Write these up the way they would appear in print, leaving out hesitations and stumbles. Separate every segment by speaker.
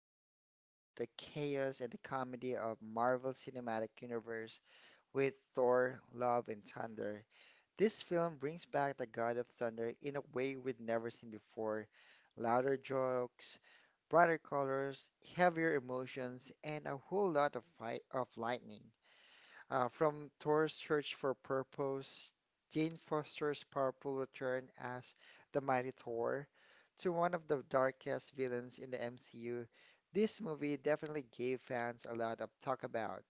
Speaker 1: the thunder, the chaos, and the comedy of Marvel Cinematic Universe with Thor: Love and Thunder. This film brings back the God of Thunder in a way we'd never seen before. Louder jokes, brighter colors, heavier emotions, and a whole lot of fight of lightning. From Thor's search for purpose, Jane Foster's powerful return as the Mighty Thor, to one of the darkest villains in the MCU, this movie definitely gave fans a lot of talk about.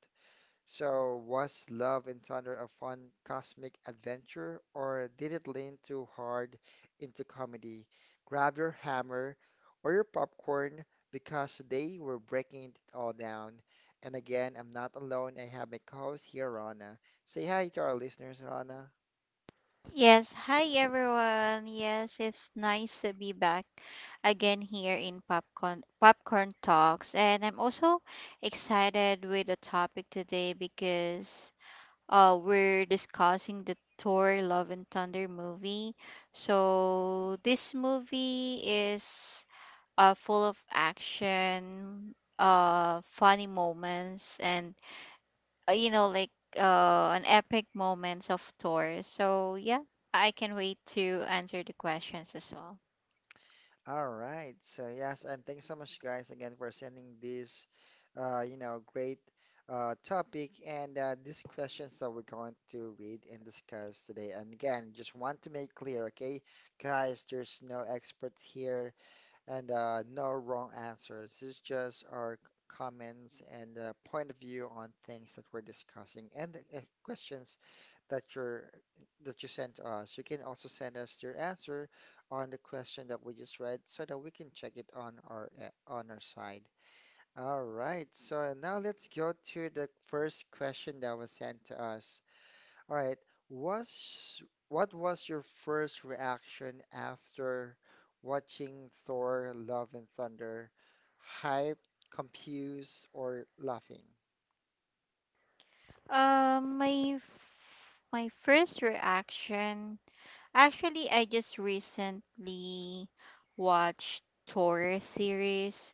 Speaker 1: So, was Love and Thunder a fun cosmic adventure, or did it lean too hard into comedy? Grab your hammer or your popcorn because they were breaking it all down. And again, I'm not alone. I have my co-host here, Rana. Say hi to our listeners, Rana.
Speaker 2: Yes, hi everyone. Yes, it's nice to be back again here in Popcorn Talks, and I'm also excited with the topic today because we're discussing the Thor Love and Thunder movie. So this movie is full of action, funny moments and uh, you know, like an epic moments of tours. So yeah, I can wait to answer the questions as well.
Speaker 1: All right. So yes, and thanks so much, guys, again for sending this, great topic and these questions that we're going to read and discuss today. And again, just want to make clear, okay, guys, there's no expert here and no wrong answers. This is just our comments and point of view on things that we're discussing and the questions that you're that you sent to us. You can also send us your answer on the question that we just read so that we can check it on our side. All right, so now let's go to the first question that was sent to us. All right. Was What was your first reaction after watching Thor: Love and Thunder? Hyped, confused, or laughing?
Speaker 2: My first reaction, actually, I just recently watched tour series,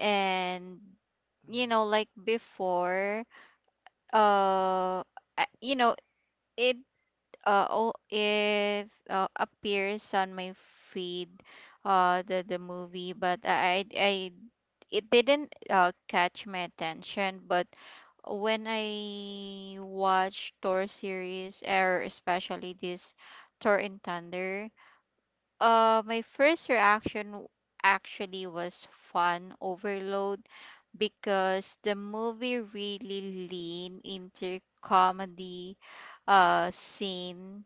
Speaker 2: and
Speaker 1: Mm-hmm.
Speaker 2: before, uh, I- you know, it all it appears on my feed the movie but I it didn't catch my attention but when I watch Thor series or especially this Thor and Thunder, my first reaction actually was fun overload because the movie really lean into comedy scene,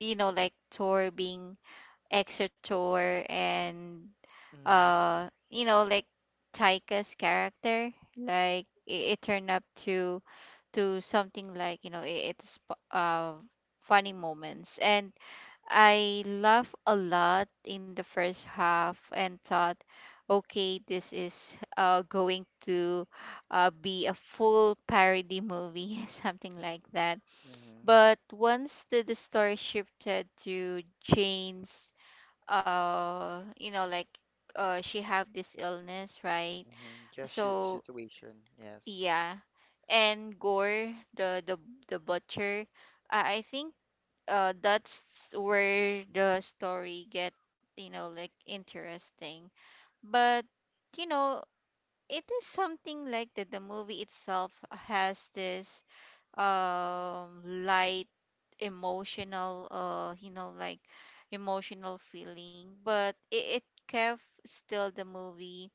Speaker 2: you know, like tour being extra tour and
Speaker 1: Mm-hmm.
Speaker 2: uh you know like Taika's character, like it turned up to something like, you know, it's funny moments, and I laugh a lot in the first half and thought okay, this is going to be a full parody movie something like that.
Speaker 1: Mm-hmm.
Speaker 2: But once the story shifted to Jane's, uh, you know, like she have this illness, right?
Speaker 1: Mm-hmm.
Speaker 2: So
Speaker 1: Situation, yes.
Speaker 2: yeah, and Gore, the butcher, I think that's where the story get, you know, like interesting. But you know, it is something like that. The movie itself has this light emotional, emotional feeling, but it kept still the movie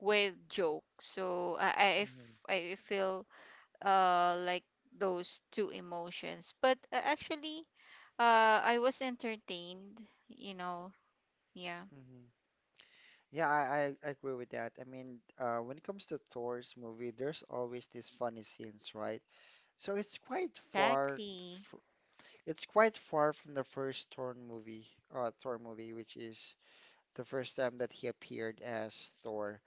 Speaker 2: with joke, so
Speaker 1: Mm-hmm.
Speaker 2: I feel like those two emotions but actually I was entertained, you know. Yeah.
Speaker 1: Mm-hmm. Yeah, I agree with that. I mean, when it comes to Thor's movie, there's always these funny scenes, right? So it's quite far
Speaker 2: Exactly.
Speaker 1: f It's quite far from the first Thor movie, which is the first time that he appeared as Thor.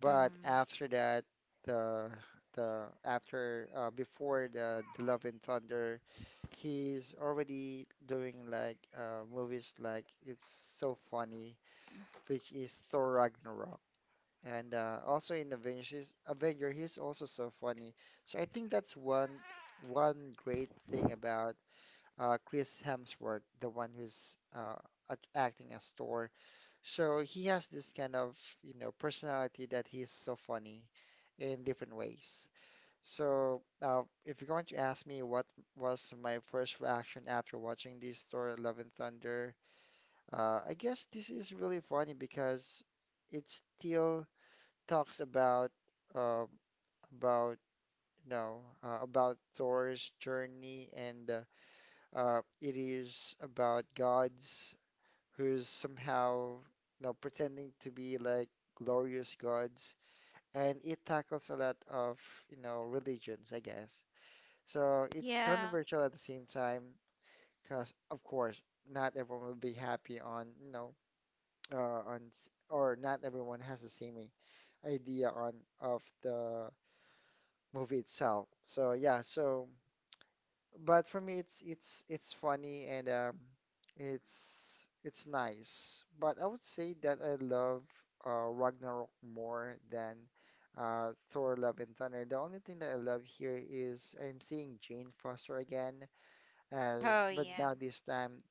Speaker 1: But
Speaker 2: Hmm.
Speaker 1: after that, the the after before the Love and Thunder, he's already doing like movies like It's So Funny, which is Thor Ragnarok. And also in Avengers, Avenger, he's also so funny. So I think that's one great thing about Chris Hemsworth, the one who's acting as Thor. So he has this kind of, you know, personality that he's so funny in different ways. So if you're going to ask me what was my first reaction after watching this Thor Love and Thunder, I guess this is really funny because it still talks about uh, about about Thor's journey and it is about gods who's somehow, you know, pretending to be like glorious gods, and it tackles a lot of, you know, religions, I guess. So it's
Speaker 2: Yeah.
Speaker 1: controversial at the same time, because of course not everyone will be happy on, you know, or not everyone has the same idea on of the movie itself. So yeah, so. But for me, it's funny and it's nice. But I would say that I love Ragnarok more than Thor: Love and Thunder. The only thing that I love here is I'm seeing Jane Foster again as,
Speaker 2: Oh,
Speaker 1: but
Speaker 2: yeah.
Speaker 1: now this time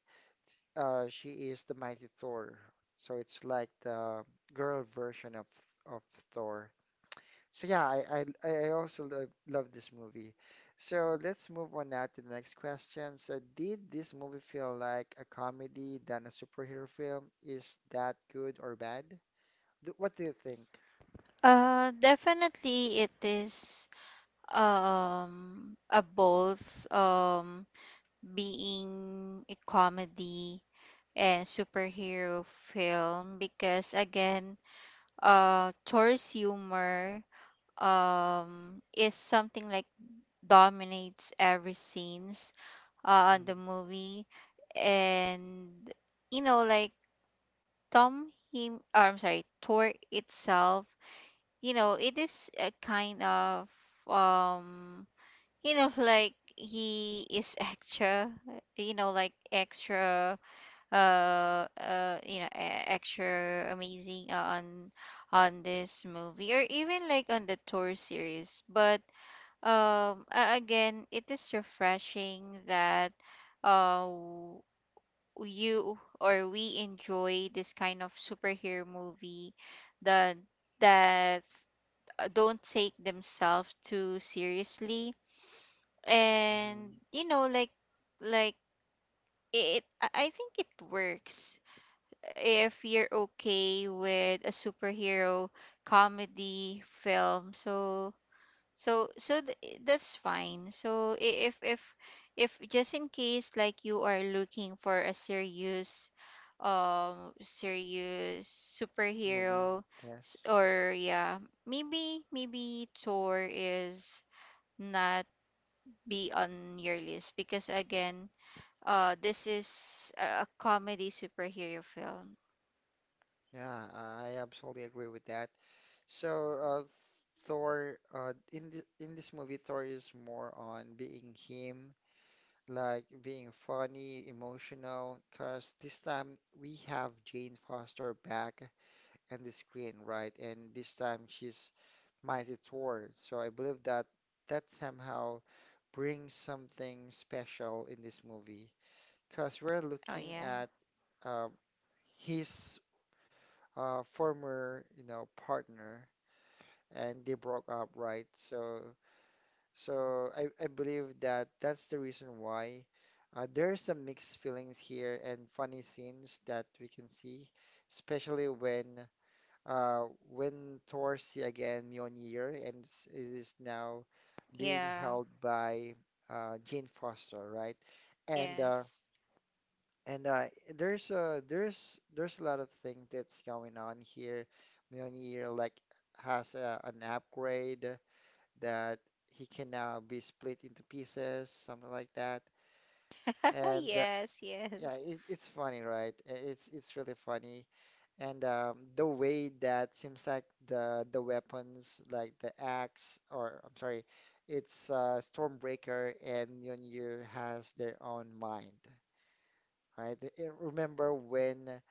Speaker 1: she is the mighty Thor. So it's like the girl version of of Thor. So yeah, I also love this movie. So let's move on now to the next question. So did this movie feel like a comedy than a superhero film? Is that good or bad? What do you think?
Speaker 2: Definitely it is a both, being a comedy and superhero film because again, Thor's humor is something like dominates every scenes on
Speaker 1: Mm.
Speaker 2: the movie. And, you know, like Tom him or I'm sorry, Thor itself, you know, it is a kind of, um he is extra, you know, like extra, extra amazing on this movie or even like on the tour series. But again, it is refreshing that uh w- you or we enjoy this kind of superhero movie that that don't take themselves too seriously.
Speaker 1: Mm.
Speaker 2: And, you know, like like it I think it works if you're okay with a superhero comedy film. So that's fine. So if just in case like you are looking for a serious, serious
Speaker 1: Movie?
Speaker 2: superhero, s-
Speaker 1: Yes.
Speaker 2: or yeah, maybe Thor is not be on your list because again, this is a comedy superhero film.
Speaker 1: Yeah, I absolutely agree with that. So uh, Thor, in this movie, Thor is more on being him like being funny, emotional, because this time we have Jane Foster back on the screen, right? And this time she's Mighty Thor. So I believe that somehow brings something special in this movie, because we're
Speaker 2: Oh
Speaker 1: looking
Speaker 2: yeah,
Speaker 1: at uh, his former, you know, partner, and they broke up, right? So I believe that that's the reason why there's some mixed feelings here and funny scenes that we can see, especially when Thor see again Mjolnir and it is now being
Speaker 2: yeah.
Speaker 1: held by Jane Foster, right? And uh,
Speaker 2: Yes.
Speaker 1: and there's there's a lot of things that's going on here. Mjolnir like has an upgrade that he can now be split into pieces, something like that. And
Speaker 2: Yes,
Speaker 1: yeah,
Speaker 2: yes.
Speaker 1: it's funny, right? It's really funny. And the way that seems like the weapons, like the axe, or I'm sorry, it's Stormbreaker and Mjolnir has their own mind, right? I Remember when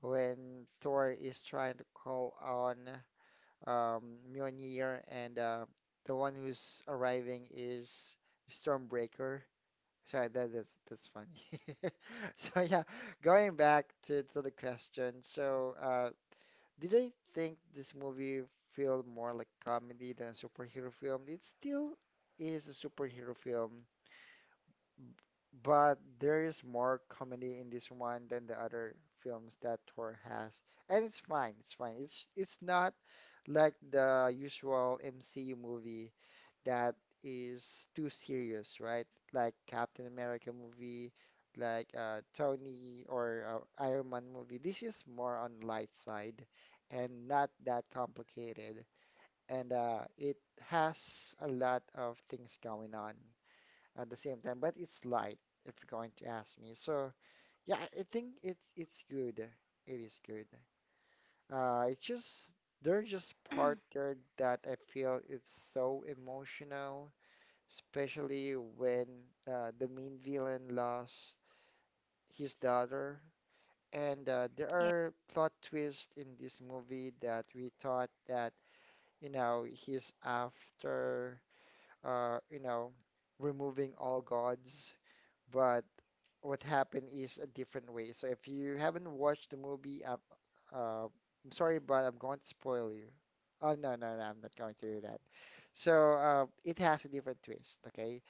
Speaker 1: Thor is trying to call on um, Mjolnir, and the one who's arriving is Stormbreaker. Sorry, that's funny. So yeah, going back to the question. So did I think this movie feel more like comedy than a superhero film? It still is a superhero film, but there is more comedy in this one than the other films that Thor has. And it's fine. It's not like the usual MCU movie that is too serious, right? Like Captain America movie, like Tony or Iron Man movie. This is more on light side and not that complicated. And it has a lot of things going on at the same time, but it's light if you're going to ask me. So yeah, I think it's good. It is good. It's just they're just part there that I feel it's so emotional, especially when the main villain lost his daughter. And there
Speaker 2: Yeah,
Speaker 1: are plot twists in this movie that we thought that, you know, he's after, you know, removing all gods but what happened is a different way. So if you haven't watched the movie, uh, I'm sorry, but I'm going to spoil you. Oh, no, no, no, I'm not going to do that. So it has a different twist, okay?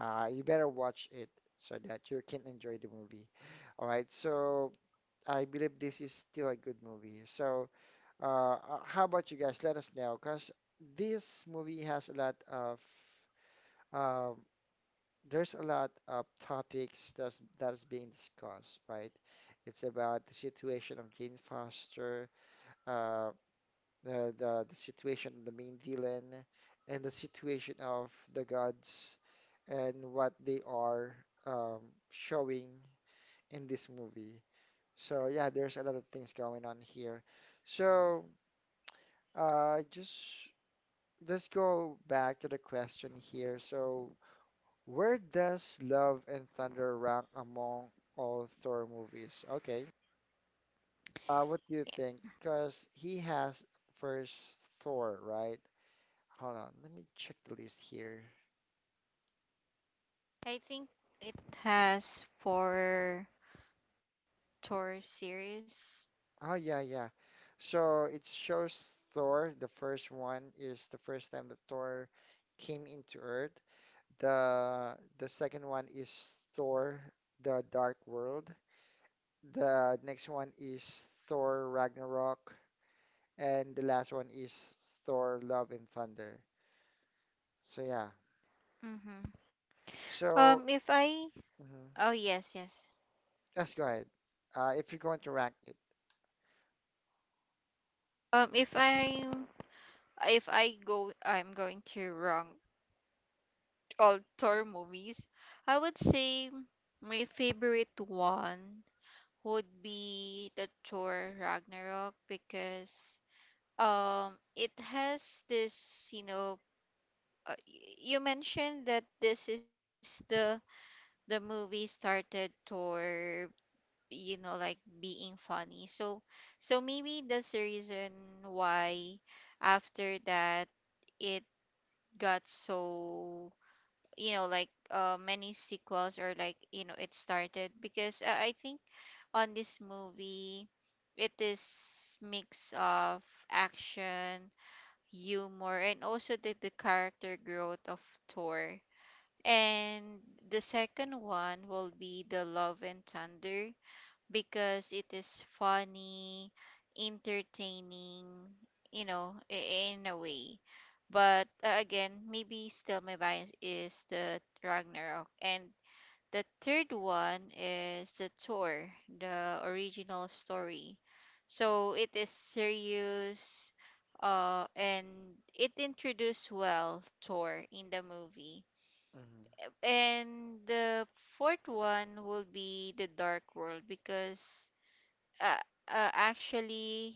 Speaker 1: You better watch it so that you can enjoy the movie. All right, so I believe this is still a good movie. So uh, uh, how about you guys? Let us know, because this movie has a lot of um there's a lot of topics that's being discussed, right? It's about the situation of Jane Foster, uh, the situation of the main villain, and the situation of the gods, and what they are um, showing in this movie. So yeah, there's a lot of things going on here. So just let's go back to the question here. So where does Love and Thunder rank among all Thor movies? Okay. What do you think?
Speaker 2: yeah.
Speaker 1: Because he has first Thor, right? Hold on, let me check the list here.
Speaker 2: I think it has four tour series.
Speaker 1: Oh yeah, yeah. So it shows Thor, the first one is the first time that Thor came into Earth. The second one is Thor, the Dark World. The next one is Thor Ragnarok. And the last one is Thor, Love and Thunder. So yeah.
Speaker 2: Mm-hmm.
Speaker 1: So
Speaker 2: If I,
Speaker 1: mhm.
Speaker 2: oh yes, yes.
Speaker 1: Let's go ahead. If you're going to rank it.
Speaker 2: Um, if I, if I go, I'm going to wrong all tour movies. I would say my favorite one would be the Thor Ragnarok because it has this, you know, you mentioned that this is the movie started Thor, you know, like being funny. So so maybe that's the reason why after that it got so, you know, like many sequels, or like, you know, it started because I think on this movie it is mix of action, humor, and also the character growth of Thor. And the second one will be the Love and Thunder because it is funny, entertaining, you know, in a way. But again, maybe still my bias is the Ragnarok. And the third one is the Thor, the original story. So it is serious, and it introduced well Thor in the movie.
Speaker 1: Mhm,
Speaker 2: And the fourth one will be the Dark World because uh, actually,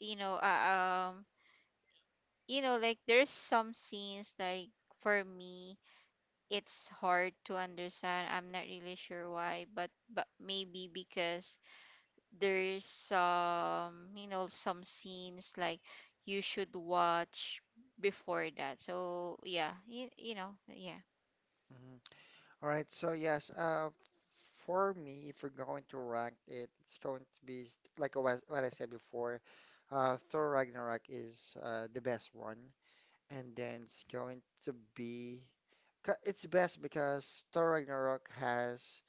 Speaker 2: you know uh, um there's some scenes like for me it's hard to understand. I'm not really sure why, but maybe because there's some, you know, some scenes like you should watch before that. So yeah, you know, yeah.
Speaker 1: mhm. All right. So yes. For me, if we're going to rank it, it's going to be like what I said before. Thor Ragnarok is the best one, and then it's going to be. It's best because Thor Ragnarok has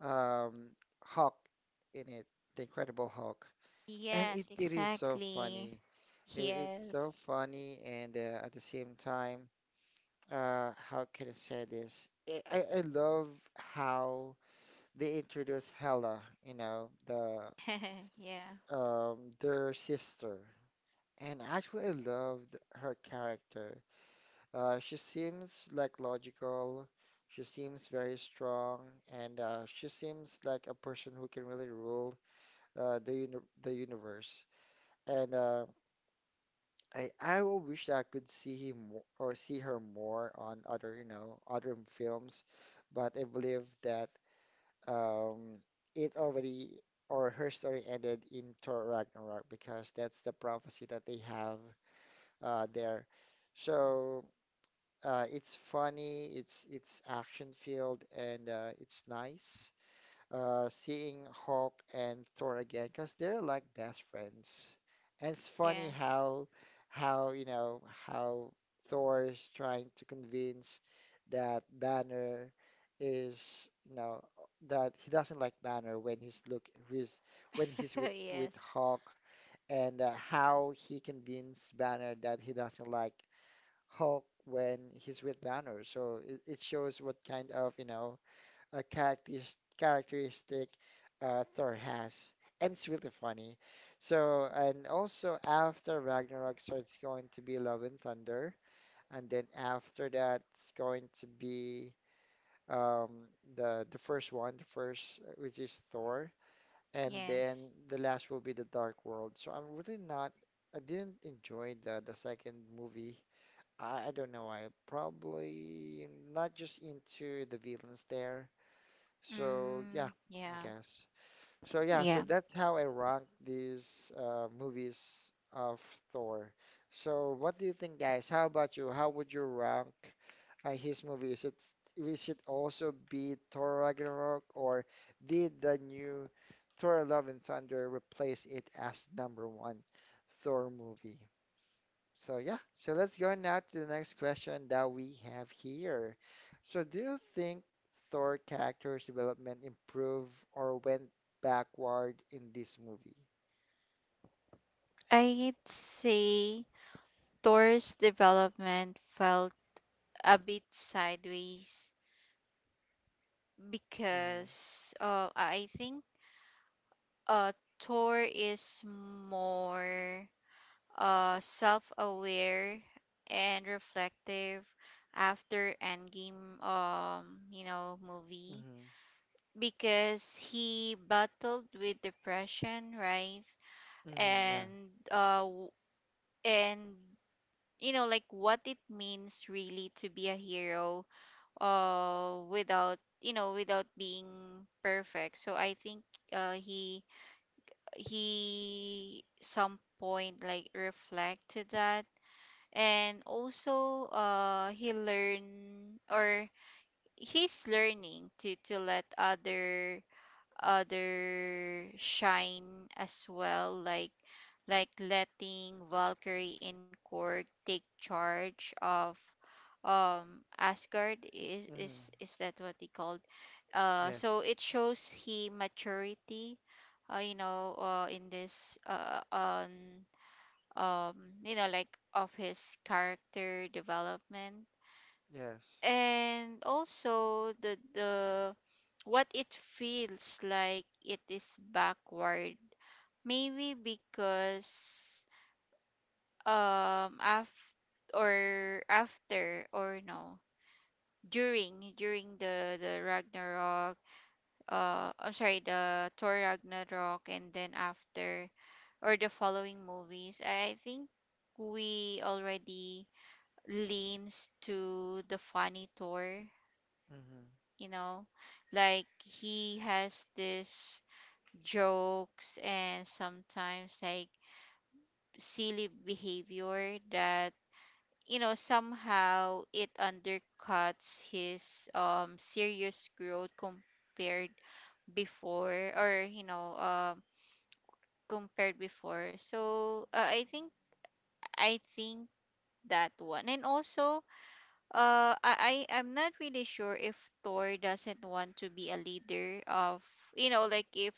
Speaker 1: um, Hulk in it, the Incredible Hulk. And
Speaker 2: Yes,
Speaker 1: it is so
Speaker 2: exactly.
Speaker 1: funny. It's so
Speaker 2: Yes.
Speaker 1: funny, and at the same time, how can I say this? I love how they introduce Hela, you know, the
Speaker 2: Yeah.
Speaker 1: their sister. And actually, I loved her character. She seems like logical. She seems very strong, and she seems like a person who can really rule uh, the uni the universe. And I will wish that I could see or see her more on other, you know, other films, but I believe that um it already or her story ended in Thor Ragnarok because that's the prophecy that they have there. So it's funny, it's action filled and it's nice seeing Hulk and Thor again because they're like best friends. And it's funny
Speaker 2: Yes.
Speaker 1: how you know how Thor is trying to convince that Banner is you know that he doesn't like Banner he's when he's with
Speaker 2: Yes.
Speaker 1: Hulk and how he convinced Banner that he doesn't like Hulk when he's with Banner. So it shows what kind of you know a characteristic Thor has, and it's really funny. So, and also after Ragnarok, so it's going to be Love and Thunder, and then after that, it's going to be um, the first one, the first which is Thor, and
Speaker 2: Yes.
Speaker 1: then the last will be the Dark World. So I'm really not, I didn't enjoy the second movie. I don't know, I probably not just into the villains there. So yeah,
Speaker 2: Mm,
Speaker 1: I
Speaker 2: yeah.
Speaker 1: guess. So yeah, so
Speaker 2: Yeah.
Speaker 1: that's how I rank these movies of Thor. So what do you think, guys? How about you? How would you rank his movie? Is it also be Thor Ragnarok, or did the new Thor Love and Thunder replace it as number one Thor movie? So yeah, so let's go now to the next question that we have here. So do you think Thor character's development improved or went backward in this movie?
Speaker 2: I'd say Thor's development felt a bit sideways
Speaker 1: Mm-hmm.
Speaker 2: because I think uh, Thor is more self aware and reflective after Endgame, you know, movie
Speaker 1: Mm-hmm.
Speaker 2: because he battled with depression, right?
Speaker 1: Mm-hmm. Yeah.
Speaker 2: And and you know, like what it means really to be a hero without, you know, without being perfect. So I think he some point like reflect to that. And also he learn or he's learning to let other shine as well, like letting Valkyrie in court take charge of Asgard,
Speaker 1: Mm-hmm.
Speaker 2: is that what they called?
Speaker 1: Yes.
Speaker 2: So it shows he maturity, in this on um you know like of his character development.
Speaker 1: Yes.
Speaker 2: And also the what it feels like it is backward maybe because after or after or no, during the Ragnarok, I'm sorry, the Thor Ragnarok, and then after, or the following movies, I think we already leans to the funny Thor,
Speaker 1: Mm-hmm.
Speaker 2: you know, like he has this jokes and sometimes like silly behavior that, you know, somehow it undercuts his serious growth compared before, or, you know, compared before. So I think that one. And also I I'm not really sure if Thor doesn't want to be a leader of, you know, like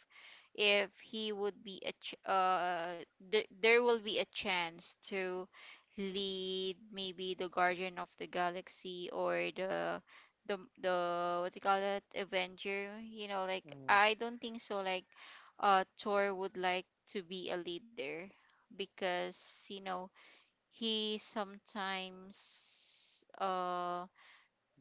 Speaker 2: if he would be a there will be a chance to lead maybe the Guardian of the Galaxy or the, what do you call that, Avenger. You know, like
Speaker 1: Mm-hmm.
Speaker 2: I don't think so, like Thor would like to be a leader because you know he sometimes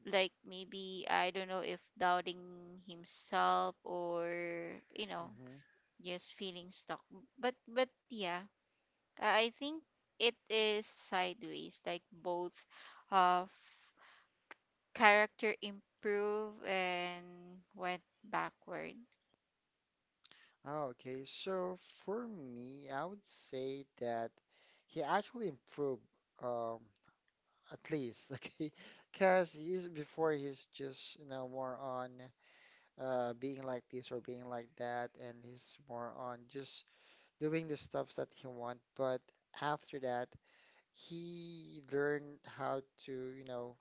Speaker 2: like, maybe I don't know if doubting himself or, you know,
Speaker 1: Mm-hmm.
Speaker 2: just feeling stuck. But yeah, I think it is sideways, like both of character improve and went backward.
Speaker 1: Oh, okay, so for me, I would say that he actually improved, um, at least, okay, because he's before he's just you know more on. Being like this or being like that, and he's more on just doing the stuffs that he want. But after that, he learned how to, you know,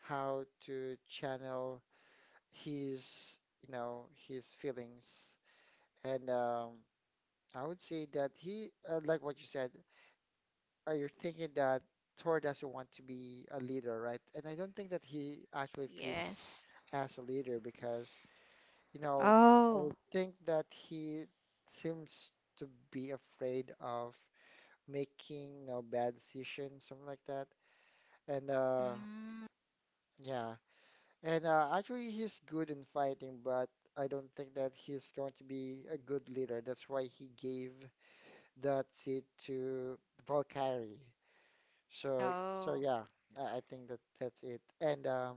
Speaker 1: how to channel his, you know, his feelings. And I would say that he, like what you said, you're thinking that Thor doesn't want to be a leader, right? And I don't think that he actually fits
Speaker 2: Yes.
Speaker 1: as a leader because you know,
Speaker 2: Oh.
Speaker 1: I think that he seems to be afraid of making a bad decision, something like that. And
Speaker 2: Mm.
Speaker 1: yeah. And actually he's good in fighting, but I don't think that he's going to be a good leader. That's why he gave that seat to Valkyrie. So so
Speaker 2: Oh.
Speaker 1: yeah, I think that that's it. And um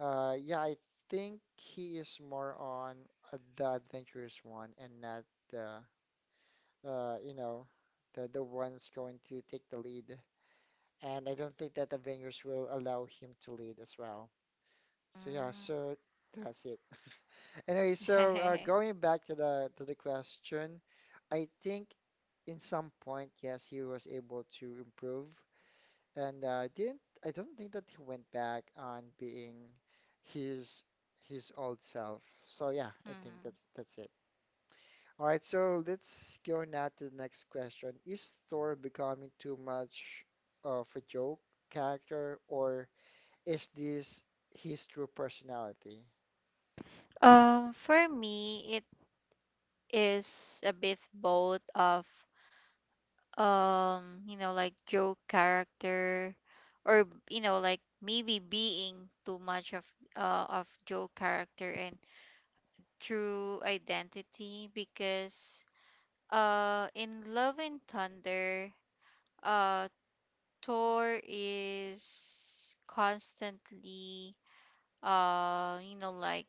Speaker 1: uh yeah, I think he is more on the adventurous one and not the you know, the one's going to take the lead, and I don't think that the Avengers will allow him to lead as well. So yeah,
Speaker 2: Mm.
Speaker 1: so that's it. Anyway, so going back to the question, I think in some point, yes, he was able to improve, and didn't I don't think that he went back on being his his old self. So yeah, I think
Speaker 2: Mhm.
Speaker 1: that's it. All right, so let's go now to the next question. Is Thor becoming too much of a joke character, or is this his true personality?
Speaker 2: For me, it is a bit both of, joke character, or you know, like maybe being too much of joke character and true identity because in Love and Thunder, uh Thor is constantly uh you know like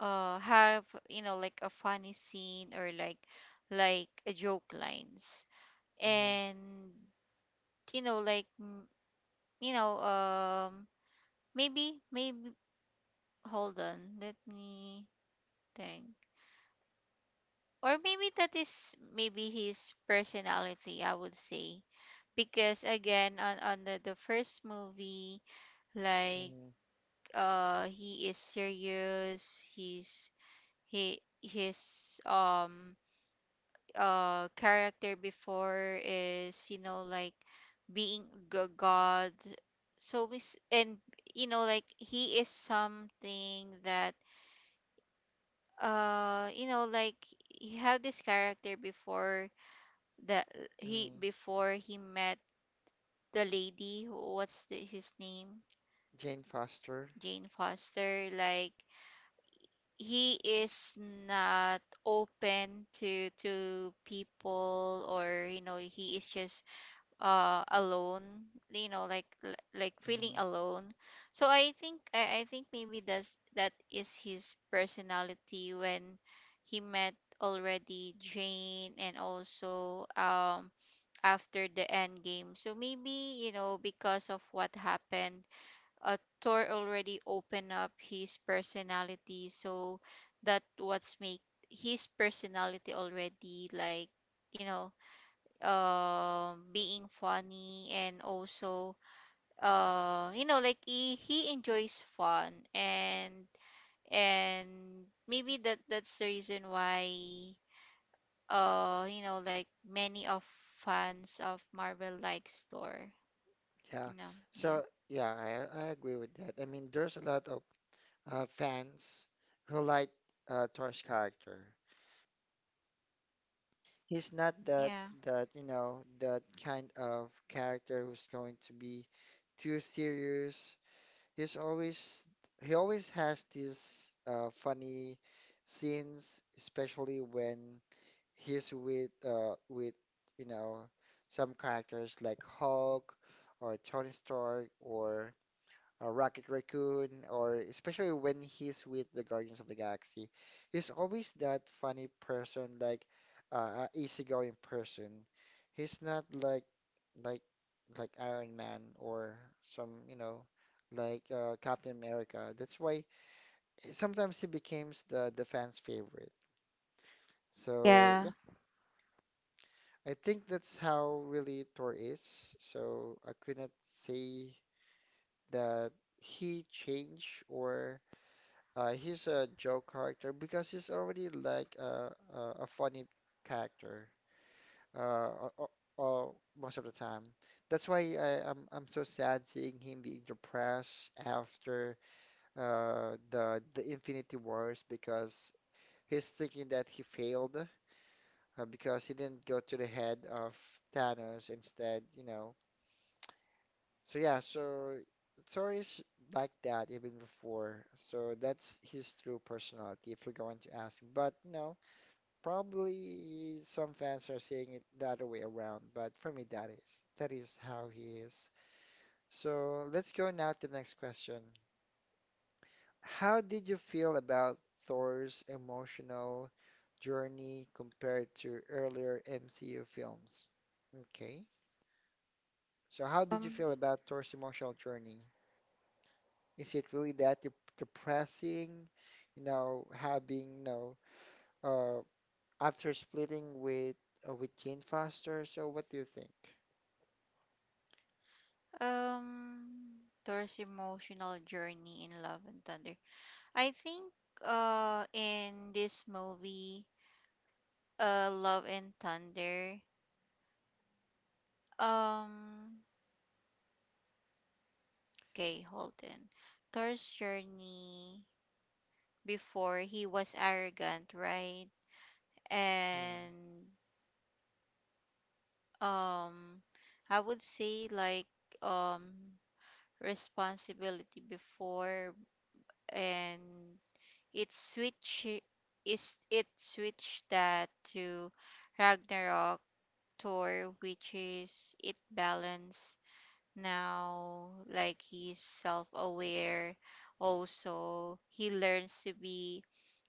Speaker 2: have, you know, like a funny scene, or like a joke lines.
Speaker 1: Mm-hmm.
Speaker 2: And, you know, like mm, you know maybe maybe hold on let me think or maybe that is maybe his personality, I would say, because again on the first movie, like
Speaker 1: Mm-hmm.
Speaker 2: he is serious. He's, he his character before is, you know, like being god. So and you know, like he is something that, uh you know like he had this character before that he,
Speaker 1: Mm-hmm.
Speaker 2: before he met the lady who- what's the, his name,
Speaker 1: Jane Foster.
Speaker 2: Jane Foster. Like he is not open to people, or you know, he is just alone, you know, like like feeling
Speaker 1: Mm-hmm.
Speaker 2: alone. So I think maybe that's, that is his personality. When he met already Jane and also after the end game, so maybe, you know, because of what happened, uh Thor already opened up his personality. So that what's make his personality already like, you know, being funny and also you know, like he enjoys fun and and maybe that's the reason why you know, like many of fans of Marvel likes Thor,
Speaker 1: Yeah.
Speaker 2: you know. Yeah.
Speaker 1: So, yeah, I agree with that. I mean, there's a lot of fans who like Thor's character. He's not that
Speaker 2: Yeah.
Speaker 1: that you know that kind of character who's going to be too serious. He's always he always has these funny scenes, especially when he's with you know some characters like Hulk or Tony Stark or Rocket Raccoon, or especially when he's with the Guardians of the Galaxy, he's always that funny person, like easygoing person. He's not like like like Iron Man or some, you know, like Captain America. That's why sometimes he becomes the fans' favorite. So yeah,
Speaker 2: Yeah.
Speaker 1: I think that's how really Thor is. So I could not say that he changed or uh, he's a joke character because he's already like a funny character uh, o- o- most of the time. That's why I'm so sad seeing him being depressed after the Infinity Wars because he's thinking that he failed because he didn't go to the head of Thanos instead, you know. So yeah, so stories like that even before. So that's his true personality if you're going to ask me. But no. Probably some fans are saying it the other way around, but for me that is how he is. So let's go now to the next question. How did you feel about Thor's emotional journey compared to earlier MCU films? Okay. So how did you
Speaker 2: um
Speaker 1: feel about Thor's emotional journey? Is it really that dep- depressing? You know, having, you know, uh, after splitting with Jane Foster, so what do you think?
Speaker 2: um Thor's emotional journey in Love and Thunder, I think in this movie, Love and Thunder. Um, okay, hold on. Thor's journey before, he was arrogant, right?
Speaker 1: Hmm.
Speaker 2: And um, I would say like um responsibility before, and it switch it switched that to Ragnarok Thor, which is it balance now, like he's self-aware. Also, he learns to be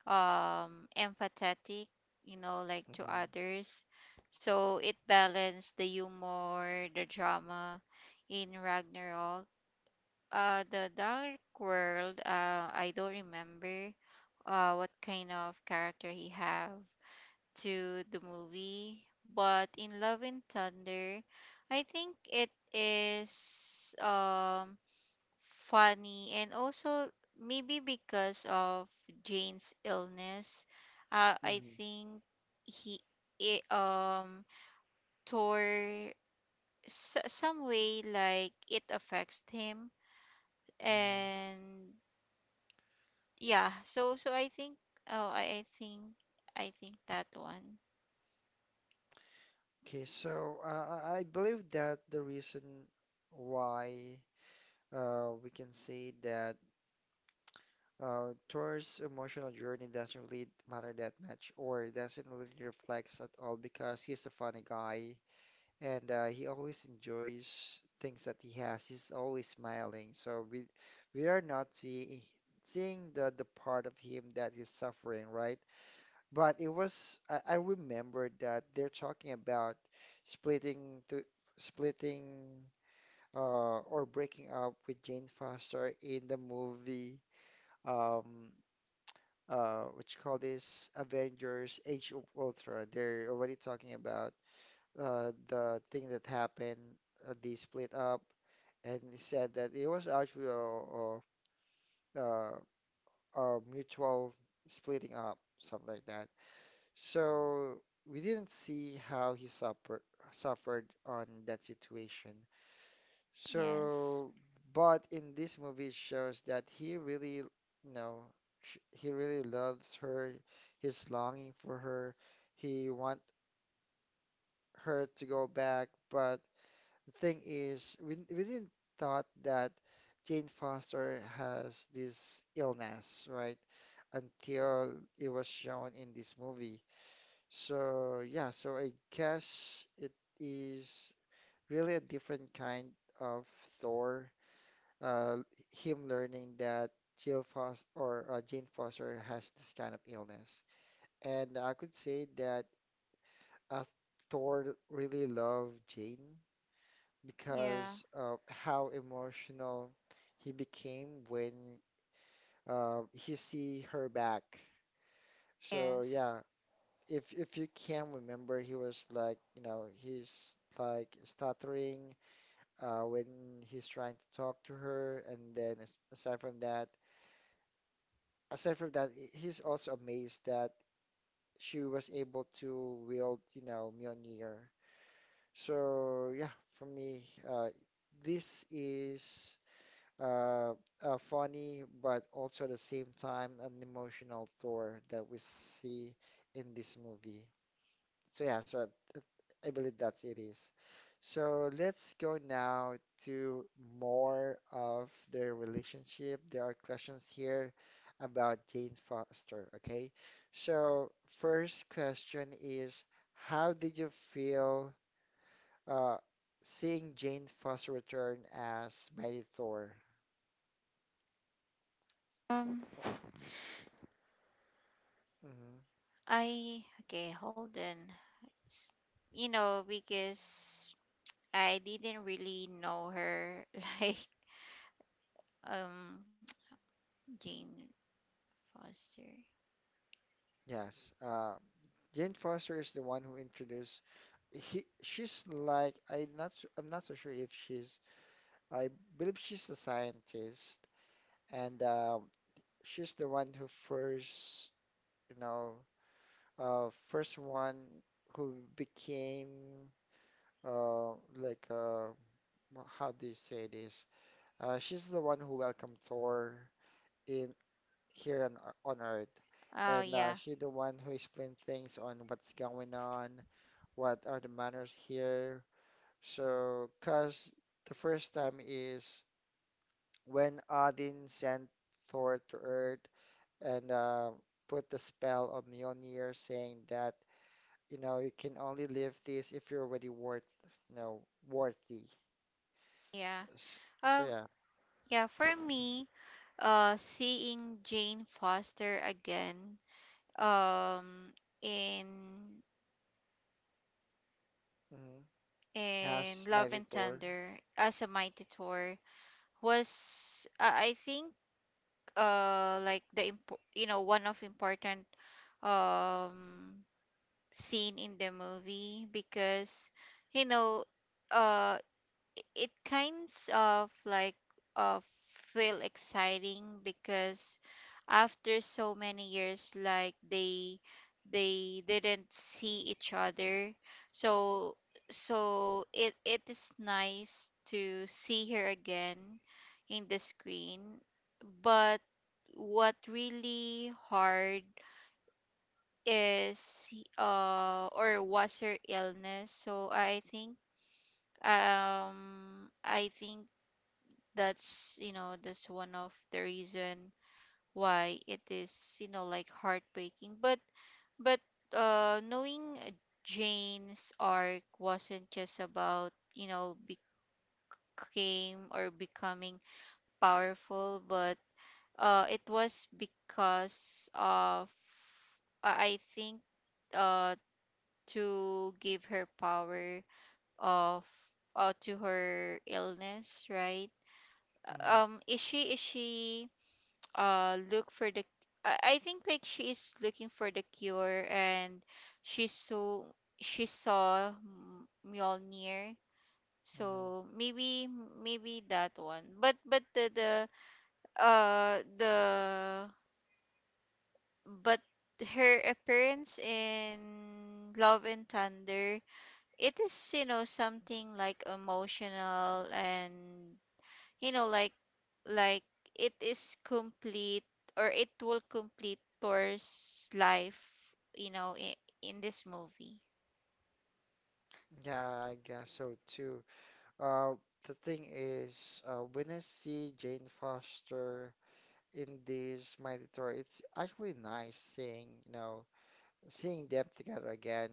Speaker 2: empathetic, you know, like to
Speaker 1: Mhm,
Speaker 2: others. So it balanced the humor, the drama in Ragnarok. The Dark World, I don't remember what kind of character he have to the movie. But in Love and Thunder, I think it is funny and also maybe because of Jane's illness, I
Speaker 1: mhm,
Speaker 2: think he, it, um tore some way like it affects him.
Speaker 1: mhm.
Speaker 2: And yeah, so so I think, oh, I think that one.
Speaker 1: Okay, so I believe that the reason why we can say that Thor's emotional journey doesn't really matter that much or doesn't really reflect at all because he's a funny guy and he always enjoys things that he has. He's always smiling. So we are not see, seeing the part of him that is suffering, right? But it was I remember that they're talking about splitting to splitting or breaking up with Jane Foster in the movie um what you call this Avengers Age of Ultron. They're already talking about the thing that happened they split up and he said that it was actually a, a mutual splitting up something like that. So we didn't see how he suffer suffered on that situation.
Speaker 2: Yes.
Speaker 1: So, but in this movie, it shows that he really, you know, sh he really loves her. He's longing for her. He want her to go back. But the thing is, we didn't thought that Jane Foster has this illness, right? Until it was shown in this movie. So yeah, so I guess it is really a different kind of Thor. Uh, him learning that Jill Foster or Jane Foster has this kind of illness, and I could say that uh, Thor really loved Jane
Speaker 2: Yeah.
Speaker 1: because of how emotional he became when he see her back. So
Speaker 2: Yes.
Speaker 1: yeah, if you can remember, he was like, you know, he's like stuttering when he's trying to talk to her, and then as, aside from that, he- he's also amazed that she was able to wield, you know, Mjolnir. So yeah, for me, uh, this is uh, a funny, but also at the same time an emotional Thor that we see in this movie. So yeah, so th- I believe that's it is. So let's go now to more of their relationship. There are questions here about Jane Foster, okay? So first question is, how did you feel uh, seeing Jane Foster return as Mighty Thor?
Speaker 2: Um,
Speaker 1: Mm-hmm.
Speaker 2: I Okay, hold on. It's- You know, because I didn't really know her, like, um Jane Foster.
Speaker 1: Yes. Jane Foster is the one who introduced he she's like I'm not su- I'm not so sure if she's I believe she's a scientist, and she's the one who first, you know, first one who became uh, like uh, wha- how do you say this? She's the one who welcomed Thor in here on Ear- on Earth,
Speaker 2: Oh
Speaker 1: and
Speaker 2: yeah,
Speaker 1: she's the one who explained things on what's going on, what are the manners here. So, cause the first time is. When Odin sent Thor to Earth and put the spell on Mjolnir, saying that, you know, you can only live this if you're already worth, you know, worthy.
Speaker 2: yeah.
Speaker 1: S- So,
Speaker 2: Um,
Speaker 1: yeah.
Speaker 2: yeah. For me, seeing Jane Foster again, um, in
Speaker 1: Hmm.
Speaker 2: in
Speaker 1: Ash,
Speaker 2: Love
Speaker 1: Mighty
Speaker 2: and
Speaker 1: Thor.
Speaker 2: Thunder as a mighty Thor was, I think like the one of important um scene in the movie because you know uh it kinds of like uh feel exciting because after so many years like they didn't see each other so so it is nice to see her again in the screen. But what really hard is, or was, her illness. So I think that's, you know, that's one of the reason why it is, you know, like heartbreaking. But knowing Jane's arc wasn't just about, you know, became or becoming powerful, but it was because of, I think, uh to give her power of, to her illness, right?
Speaker 1: Hmm.
Speaker 2: Is she look for the, I think like she is looking for the cure, and she saw she saw Mjolnir,
Speaker 1: Hmm.
Speaker 2: so maybe maybe that one. But the but her appearance in Love and Thunder, it is, you know, something like emotional and, you know, like it is complete, or it will complete Thor's life, you know, in this movie.
Speaker 1: Yeah, I guess so too. Uh, the thing is, when I see Jane Foster in this Mighty Thor, it's actually nice seeing, you know, seeing them together again.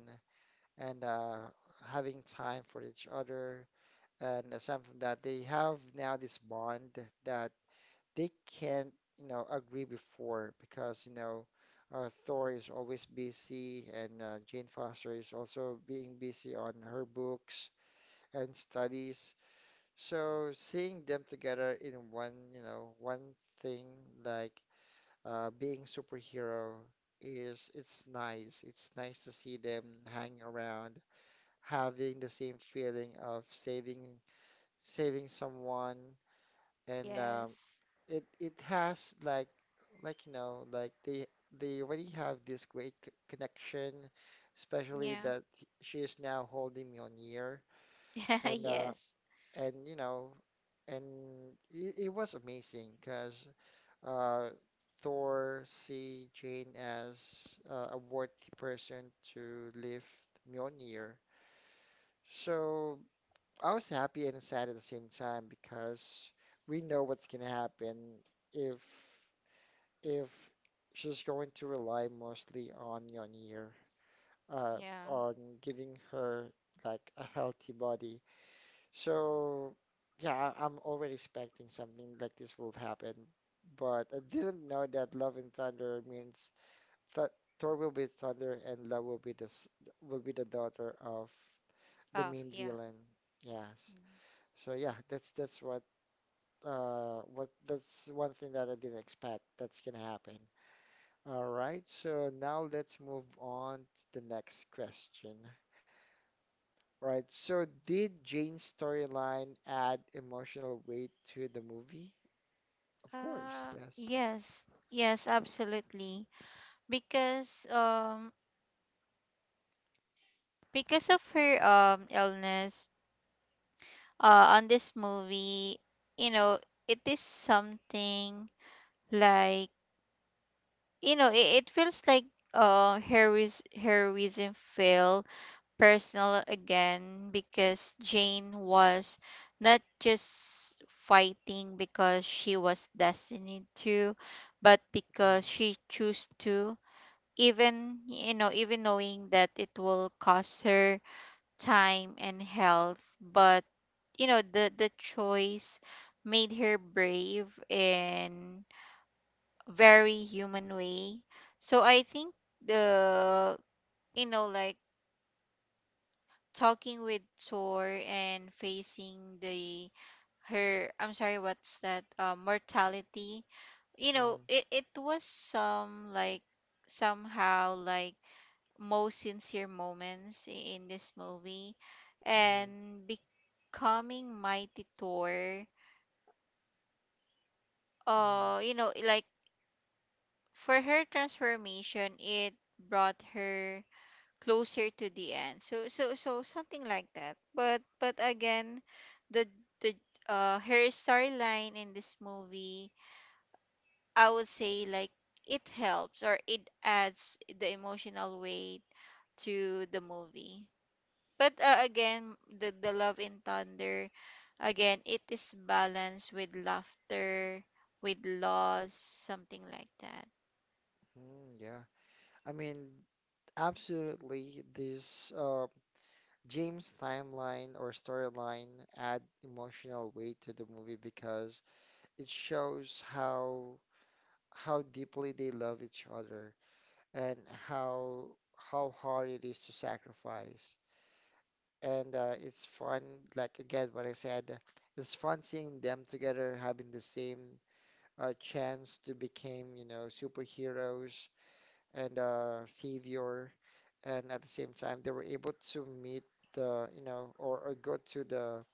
Speaker 1: And having time for each other and it's something that they have now this bond that they can't you know agree before because you know Thor is always busy and Jane Foster is also being busy on her books and studies so seeing them together in one you know one thing like being superhero is it's nice to see them hang around having the same feeling of saving saving someone and
Speaker 2: Yes.
Speaker 1: it it has like you know like they already have this great c- connection especially
Speaker 2: Yeah.
Speaker 1: that he- she is now holding me on ear and uh
Speaker 2: Yes.
Speaker 1: and you know and it was amazing because uh Thor see Jane as a worthy person to lift Mjolnir so I was happy and sad at the same time because we know what's gonna happen if if she's going to rely mostly on Yeonyear, uh,
Speaker 2: Yeah.
Speaker 1: on giving her like a healthy body. So yeah, I'm already expecting something like this will happen, but I didn't know that Love and Thunder means th Thor will be Thunder and Love will be the daughter of the
Speaker 2: Oh,
Speaker 1: main
Speaker 2: yeah.
Speaker 1: villain. Yes.
Speaker 2: Mm.
Speaker 1: So yeah, that's what that's one thing that I didn't expect that's gonna happen. All right, so now let's move on to the next question. All right, so did Jane's storyline add emotional weight to the movie? Of course, yes.
Speaker 2: Yes. Yes, absolutely. Because um because of her illness on this movie, you know, it is something like, you know, it feels like heroism feel personal again because Jane was not just fighting because she was destined to, but
Speaker 1: Mm,
Speaker 2: because she chose to. Even, you know, even knowing that it will cost her time and health. But, you know, the choice made her brave and very human way. So I think the, you know, like talking with Tor and facing the her, I'm sorry, what's that, mortality, you know,
Speaker 1: mm,
Speaker 2: it was some like somehow like most sincere moments in this movie.
Speaker 1: mm,
Speaker 2: And becoming mighty Thor,
Speaker 1: mm,
Speaker 2: you know, like for her transformation, it brought her closer to the end. So something like that. But again, the the her storyline in this movie, I would say like it helps, or it adds the emotional weight to the movie. But again, the Love in Thunder, again, it is balanced with laughter, with loss, something like that.
Speaker 1: yeah. I mean, absolutely, this James timeline or storyline add emotional weight to the movie because it shows how deeply they love each other and how how hard it is to sacrifice. And It's fun, like again, what I said, it's fun seeing them together having the same chance to become, you know, superheroes and savior. And at the same time, they were able to meet the, you know, or go to the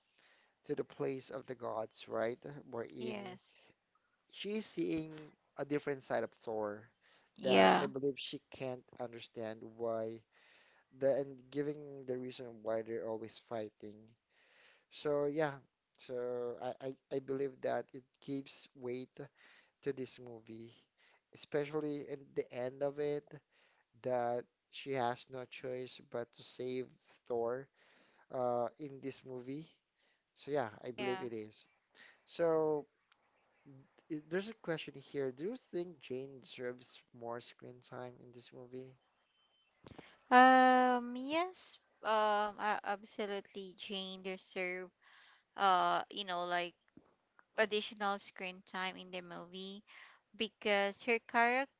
Speaker 1: to the place of the gods, right? Wherein
Speaker 2: Yes.
Speaker 1: she's seeing a different side of Thor that
Speaker 2: Yeah.
Speaker 1: I believe she can't understand why the and giving the reason why they're always fighting. So yeah, so I believe that it gives weight to this movie, especially in the end of it that she has no choice but to save Thor in this movie. So yeah, I believe
Speaker 2: Yeah.
Speaker 1: it is. So there's a question here. Do you think Jane deserves more screen time in this movie?
Speaker 2: Yes, absolutely, Jane deserve, you know, like additional screen time in the movie. Because her character,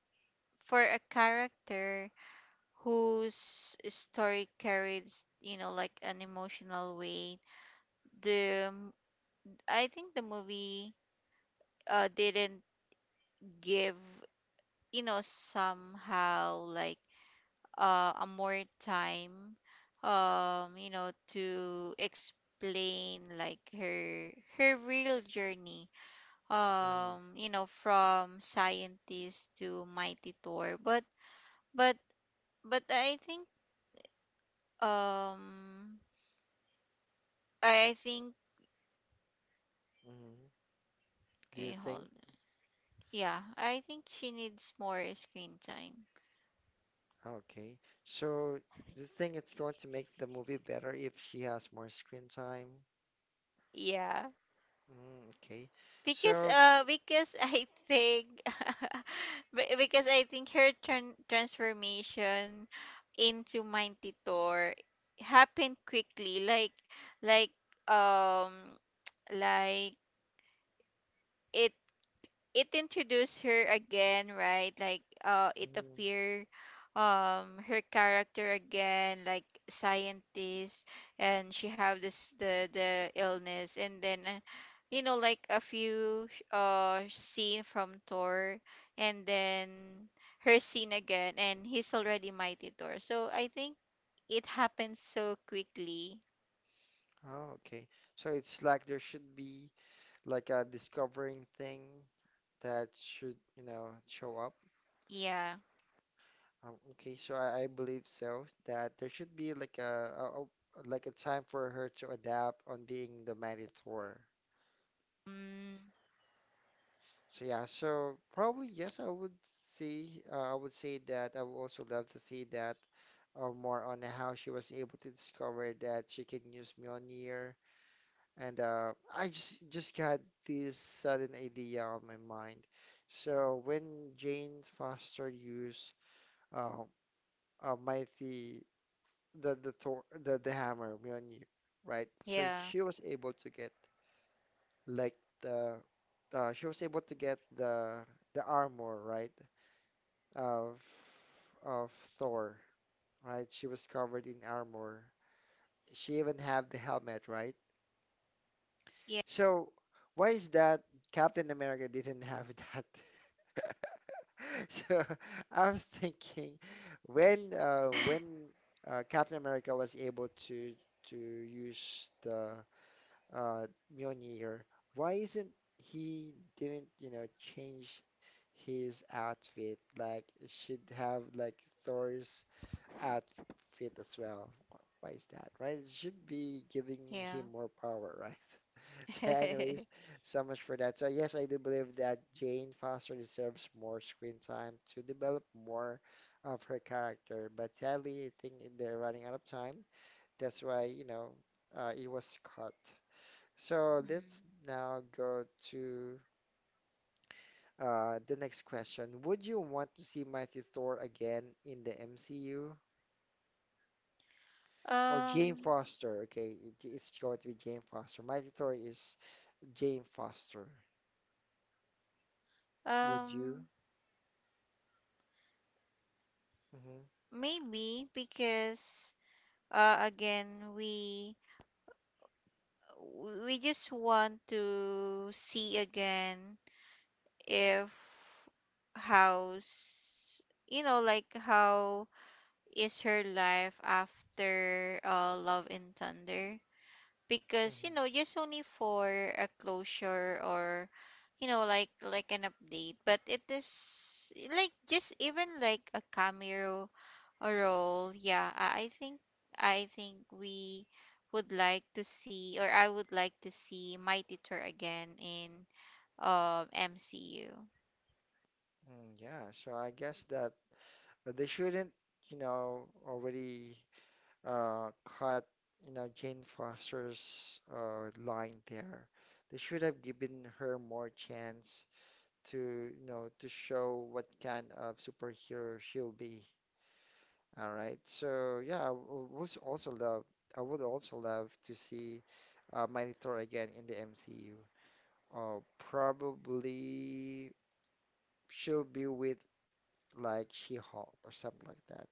Speaker 2: for a character whose story carries, you know, like an emotional weight, the, m- I think the movie, didn't give, you know, somehow like, a more time you know, to explain like her her real journey,
Speaker 1: hmm
Speaker 2: you know, from scientist to mighty Thor. But but but I think, um I think,
Speaker 1: hmm Do you
Speaker 2: okay, hold
Speaker 1: think?
Speaker 2: on. Yeah, I think she needs more screen time.
Speaker 1: Okay. So, do you think it's going to make the movie better if she has more screen time?
Speaker 2: Yeah,
Speaker 1: Mm, okay. So, f-
Speaker 2: because I think because I think her transformation into Mantitor happened quickly, like, um like, it it introduced her again, right? Like it
Speaker 1: mm,
Speaker 2: appear, her character again, like scientist, and she have this the illness, and then you know, like a few scene from Thor, and then her scene again and he's already mighty Thor. So I think it happens so quickly.
Speaker 1: oh, okay. So it's like there should be like a discovering thing that should, you know, show up.
Speaker 2: Yeah.
Speaker 1: Okay. So I believe so that there should be like a like a time for her to adapt on being the Minotaur.
Speaker 2: Mm,
Speaker 1: So yeah, so probably yes, I would see. I would say that I would also love to see that more on how she was able to discover that she can use Mjolnir. And I just got this sudden idea on my mind. So when Jane Foster used uh, mighty the Thor, the hammer Mjolnir, right? So
Speaker 2: yeah.
Speaker 1: she was able to get like the she was able to get the armor, right? of of Thor, right? She was covered in armor. She even had the helmet, right?
Speaker 2: Yeah.
Speaker 1: So why is that Captain America didn't have that? So I was thinking when Captain America was able to use the uh, Mjolnir, why isn't he didn't you know change his outfit? Like it should have like Thor's outfit as well. Why is that, right? It should be giving
Speaker 2: Yeah.
Speaker 1: him more power, right? So, anyways, so much for that. So, yes, I do believe that Jane Foster deserves more screen time to develop more of her character, but sadly, I think they're running out of time. That's why, you know, it was cut. So,
Speaker 2: Mm.
Speaker 1: let's now go to. The next question. Would you want to see Mighty Thor again in the MCU? Or Jane
Speaker 2: Um.
Speaker 1: Foster. Okay, it's going to be Jane Foster. My tutor is Jane Foster. Would you?
Speaker 2: Um,
Speaker 1: hmm
Speaker 2: maybe because again, we just want to see again if how's, you know, like how is her life after Love and Thunder. Because, you know,
Speaker 1: hmm
Speaker 2: just only for a closure, or, you know, like an update. But it is like, just even like a cameo a role. Yeah, I think, I think we would like to see, or I would like to see my teacher again in MCU.
Speaker 1: Mm, yeah. So I guess that they shouldn't, you know, already uh, cut, you know, Jane Foster's line there. They should have given her more chance to, you know, to show what kind of superhero she'll be. All right. So yeah, I w- was also love. I would also love to see Mighty Thor again in the MCU. Probably she'll be with like She-Hulk or something like that.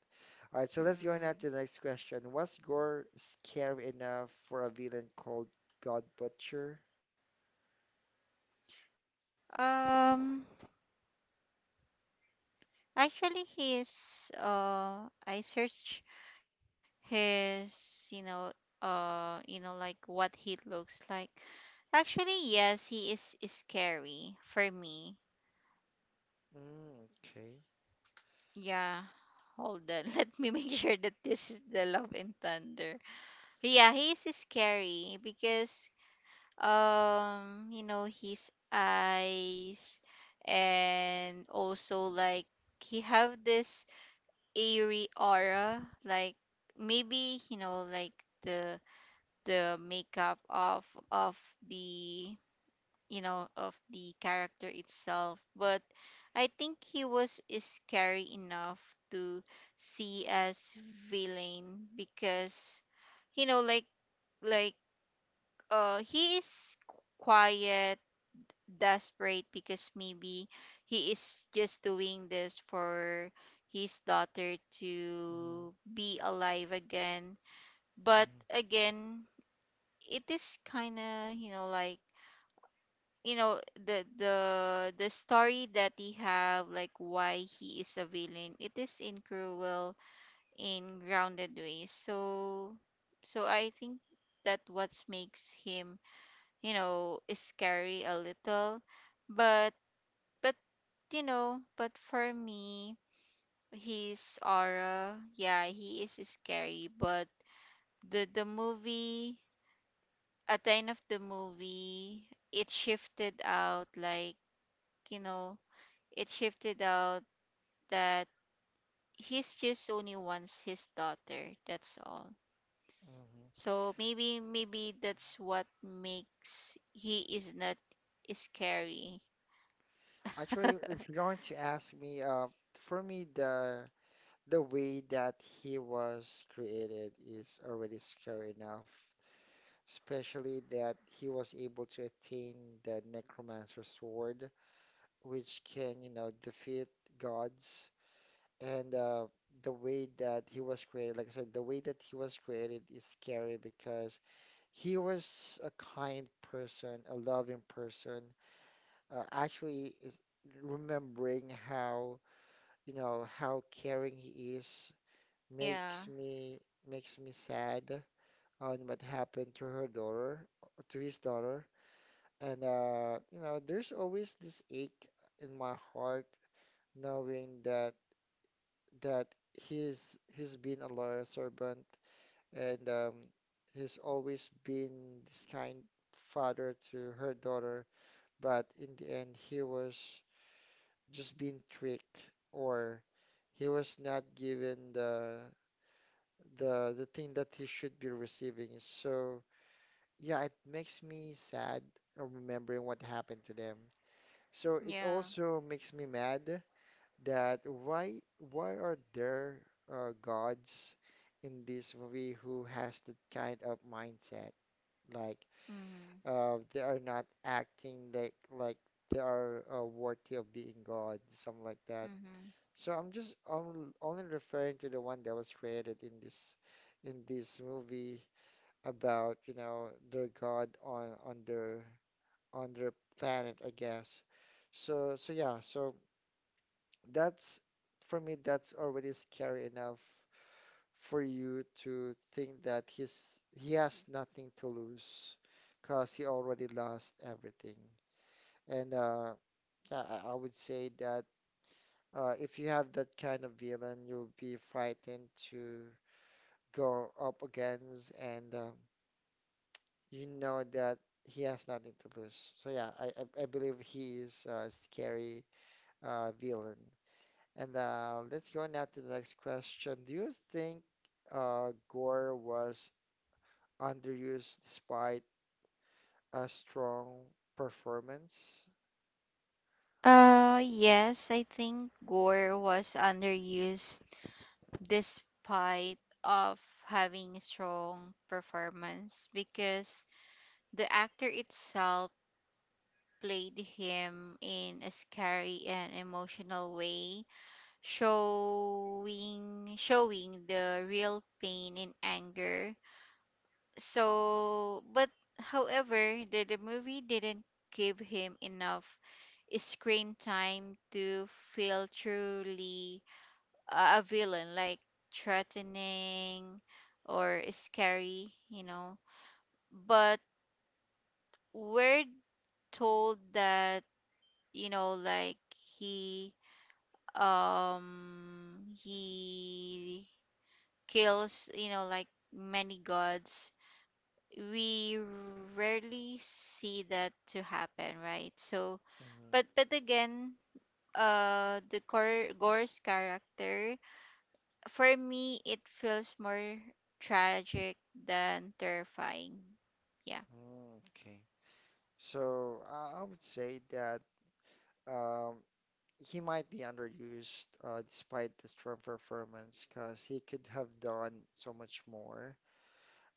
Speaker 1: All right. So let's go on to the next
Speaker 2: Mm.
Speaker 1: question. Was Gore scary enough for a villain called God Butcher?
Speaker 2: Um, actually he is, I search his, you know, you know, like what he looks like. Actually, yes, he is scary for me.
Speaker 1: Mm, okay.
Speaker 2: Yeah, hold on. Let me make sure that this is the Love and Thunder. Yeah, he is scary because, you know, his eyes, and also like he have this eerie aura, like maybe, you know, like the the makeup of the, you know, of the character itself. But I think he was scary enough to see as villain, because, you know, like he is quiet desperate, because maybe he is just doing this for his daughter
Speaker 1: Mm-hmm.
Speaker 2: to be alive again. But again, it is kind of, you know, like, you know, the story that he have, like why he is a villain, it is in cruel in grounded ways. So so I think that what makes him, you know, is scary a little. but but, you know, but for me, his aura, yeah, he is scary. But the movie, at the end of the movie, it shifted out like, you know, it shifted out that he's just only wants his daughter, that's all. So maybe maybe that's what makes he is not scary.
Speaker 1: Actually, if you're going to ask me, for me the way that he was created is already scary enough, especially that he was able to attain the Necromancer sword, which can, you know, defeat gods. And the way that he was created, like I said, the way that he was created is scary because he was a kind person, a loving person. Actually, is remembering how, you know, how caring he is
Speaker 2: Yeah.
Speaker 1: makes me makes me sad on what happened to her daughter, to his daughter. And you know, there's always this ache in my heart knowing that he's been a loyal servant and he's always been this kind father to her daughter, but in the end he was just being tricked or he was not given the the thing that he should be receiving. So yeah, it makes me sad of remembering what happened to them. So it
Speaker 2: Yeah.
Speaker 1: also makes me mad that why are there gods in this movie who has that kind of mindset? Like
Speaker 2: Mhm.
Speaker 1: they are not acting like they are worthy of being gods, something like that.
Speaker 2: Mhm.
Speaker 1: Only referring to the one that was created in this movie about you know their god on their on their planet, I guess. So, so yeah, so that's for me, that's already scary enough for you to think that he has nothing to lose because he already lost everything. And yeah, I would say that if you have that kind of villain, you'll be frightened to go up against, and you know that he has nothing to lose. So yeah, I believe he is scary villain. And let's go now to the next question. Do you think Gore was underused despite a strong performance?
Speaker 2: Uh, yes, I think Gore was underused despite of having strong performance, because the actor itself played him in a scary and emotional way, showing the real pain and anger. So, but however, the movie didn't give him enough screen time to feel truly a villain, like threatening or scary, you know. But we're told that, you know, like he he kills, you know, like many gods. We rarely see that to happen, right? So but again, the Gor Gore's character, for me, it feels more tragic than terrifying. Yeah.
Speaker 1: Hmm, okay. So I would say that um, he might be underused despite the strong performance because he could have done so much more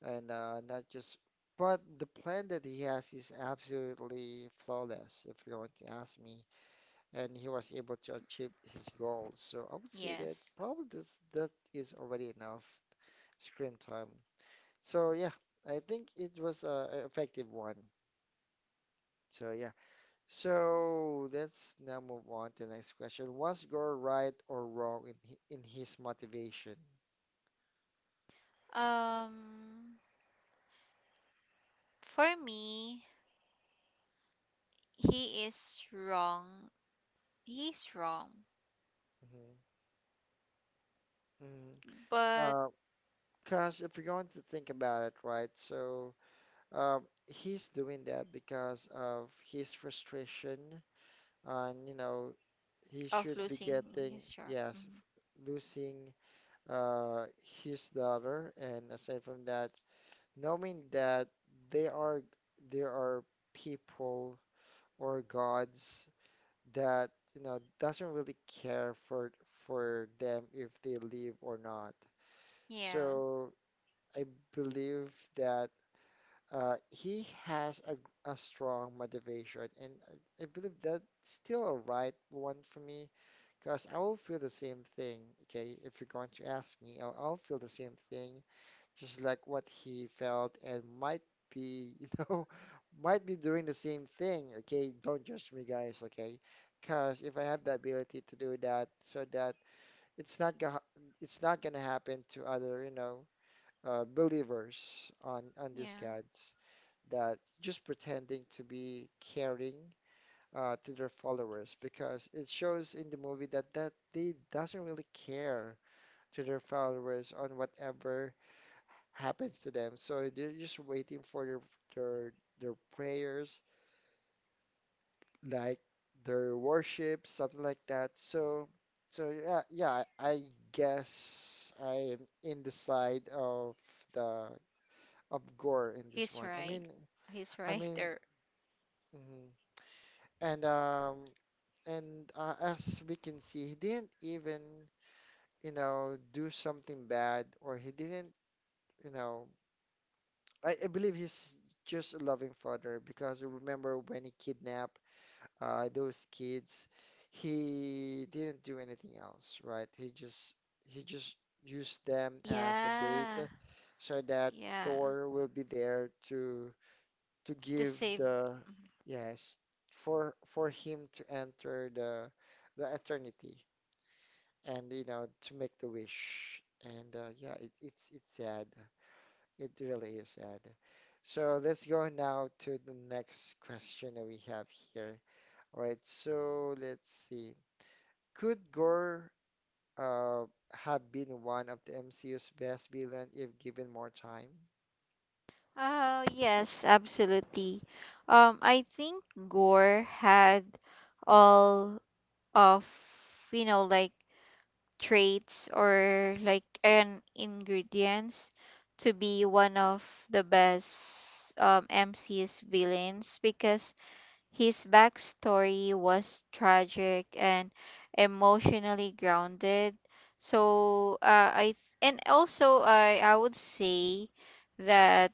Speaker 1: and not just. But the plan that he has is absolutely flawless, if you're going to ask me. And he was able to achieve his goals. So I would say that
Speaker 2: Yes,
Speaker 1: probably this, that is already enough screen time. So yeah, I think it was a effective one. So yeah. So let's now move on to the next question. Was Gore right or wrong in in his motivation?
Speaker 2: um for me, he is wrong. He's wrong,
Speaker 1: Mm-hmm. Mm-hmm.
Speaker 2: but
Speaker 1: Uh, 'Cause if you're going to think about it, right? So he's doing that because of his frustration and you know he
Speaker 2: of
Speaker 1: should be
Speaker 2: losing
Speaker 1: getting,
Speaker 2: his job.
Speaker 1: yes,
Speaker 2: Mhm.
Speaker 1: f- losing his daughter, and aside from that, knowing that they are there are people or gods that you know doesn't really care for them if they live or not.
Speaker 2: Yeah,
Speaker 1: So I believe that he has a strong motivation, and I believe that's still a right one for me because I will feel the same thing, okay? If you're going to ask me, I'll feel the same thing, just like what he felt and might be, you know, might be doing the same thing, okay? Don't judge me, guys, okay? Because if I have the ability to do that, so that it's not gonna, it's not gonna happen to other, you know, believers on these
Speaker 2: yeah.
Speaker 1: gods that just pretending to be caring to their followers because it shows in the movie that they doesn't really care to their followers on whatever happens to them. So they're just waiting for their their prayers, like their worship, something like that. So so I guess I'm in the side of the of gore in this
Speaker 2: He's
Speaker 1: one. I
Speaker 2: right.
Speaker 1: mean
Speaker 2: He's
Speaker 1: I
Speaker 2: right
Speaker 1: mean
Speaker 2: there.
Speaker 1: mhm. and um and as we can see he didn't even you know, do something bad or he didn't, you know, I believe he's just a loving father because I remember when he kidnapped those kids, he didn't do anything else, right? He just used them as a bait
Speaker 2: Yeah,
Speaker 1: so that
Speaker 2: yeah.
Speaker 1: Thor will be there to
Speaker 2: To
Speaker 1: give
Speaker 2: save.
Speaker 1: the yes for him to enter the eternity. And you know to make the wish and yeah it's sad, it really is sad. So let's go now to the next question that we have here. All right, so let's see, could Gore uh, have been one of the MCU's best villain if given more time
Speaker 2: Oh, yes, absolutely. I think Gore had all of, you know, like traits or like an ingredients to be one of the best MC's villains, because his backstory was tragic and emotionally grounded. So I, and also I would say that,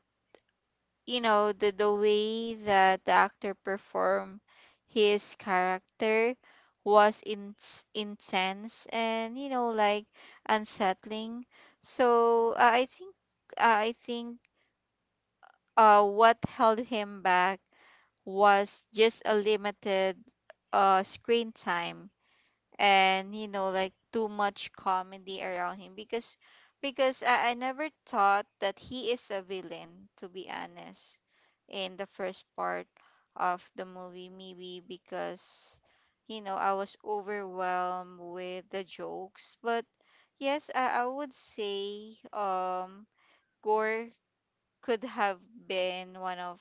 Speaker 2: you know, the way that the actor performed his character was in, intense and, you know, like unsettling. So I think what held him back was just a limited screen time, and, you know, like too much comedy around him. Because I never thought that he is a villain, to be honest, in the first part of the movie, maybe because, you know, I was overwhelmed with the jokes. But yes, I would say, Gore could have been one of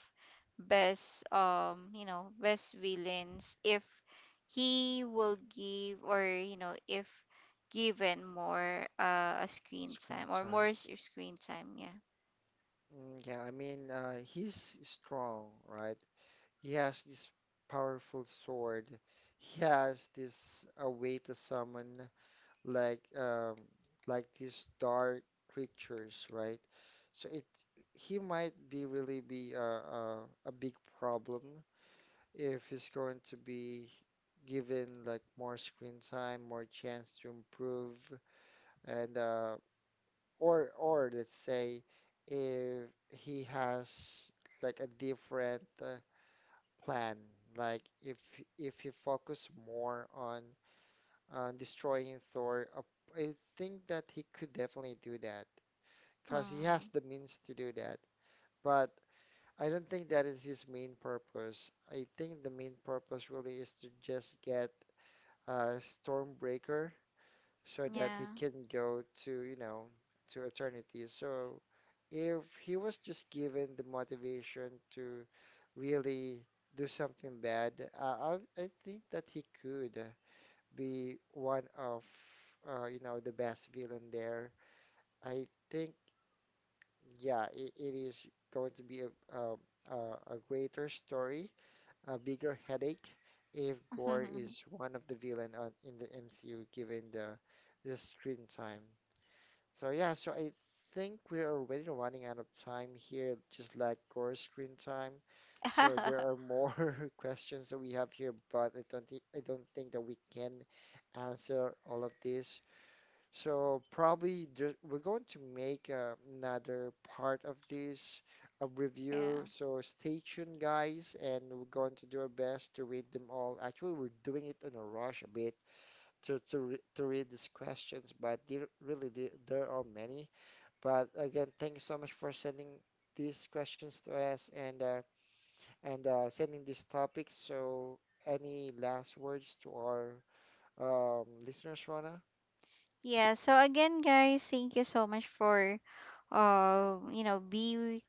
Speaker 2: best you know, best villains if he will give, or, you know, if given more a screen time,
Speaker 1: screen
Speaker 2: or more
Speaker 1: time.
Speaker 2: screen time. Yeah.
Speaker 1: Mm, yeah, I mean he's strong, right? He has this powerful sword, he has this a way to summon like um like these dark creatures, right? So it he might be really be a big problem if he's going to be given like more screen time, more chance to improve, and or let's say if he has like a different plan, like if he focus more on destroying Thor. I think that he could definitely do that because he has
Speaker 2: Mm,
Speaker 1: the means to do that. But I don't think that is his main purpose. I think the main purpose really is to just get Stormbreaker so that he
Speaker 2: yeah.
Speaker 1: can go to, you know, to eternity. So if he was just given the motivation to really do something bad, I think that he could be one of you know the best villain there. I think yeah, it is going to be a greater story, a bigger headache if Gore is one of the villain on, in the MCU given the screen time. So yeah, so I think we're already running out of time here, just like Gore's screen time. So there are more questions that we have here, but I don't think that we can answer all of this. So probably there, we're going to make another part of this
Speaker 2: Yeah.
Speaker 1: review. So stay tuned, guys, and we're going to do our best to read them all. Actually, we're doing it in a rush a bit to re to read these questions, but there, really there are many. But again, thank you so much for sending these questions to us and sending these topics. So any last words to our listeners, Rana?
Speaker 2: Yeah, so again, guys, thank you so much for you know, be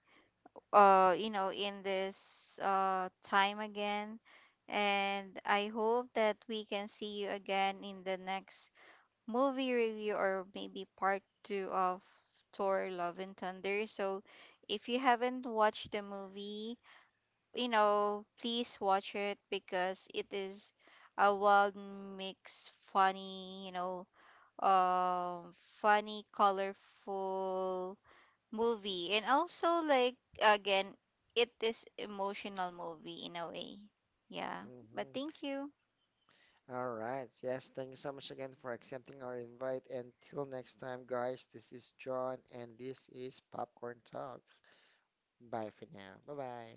Speaker 2: you know, in this time again. And I hope that we can see you again in the next movie review, or maybe part two of Thor Love and Thunder. So if you haven't watched the movie, you know, please watch it, because it is a well mixed funny, you know, um funny, colorful movie, and also like, again, it is emotional movie in a way. Yeah. But
Speaker 1: Hmm.
Speaker 2: thank you.
Speaker 1: All right. Yes, thank you so much again for accepting our invite. Until next time, guys, this is John and this is Popcorn Talks. Bye for now. Bye bye.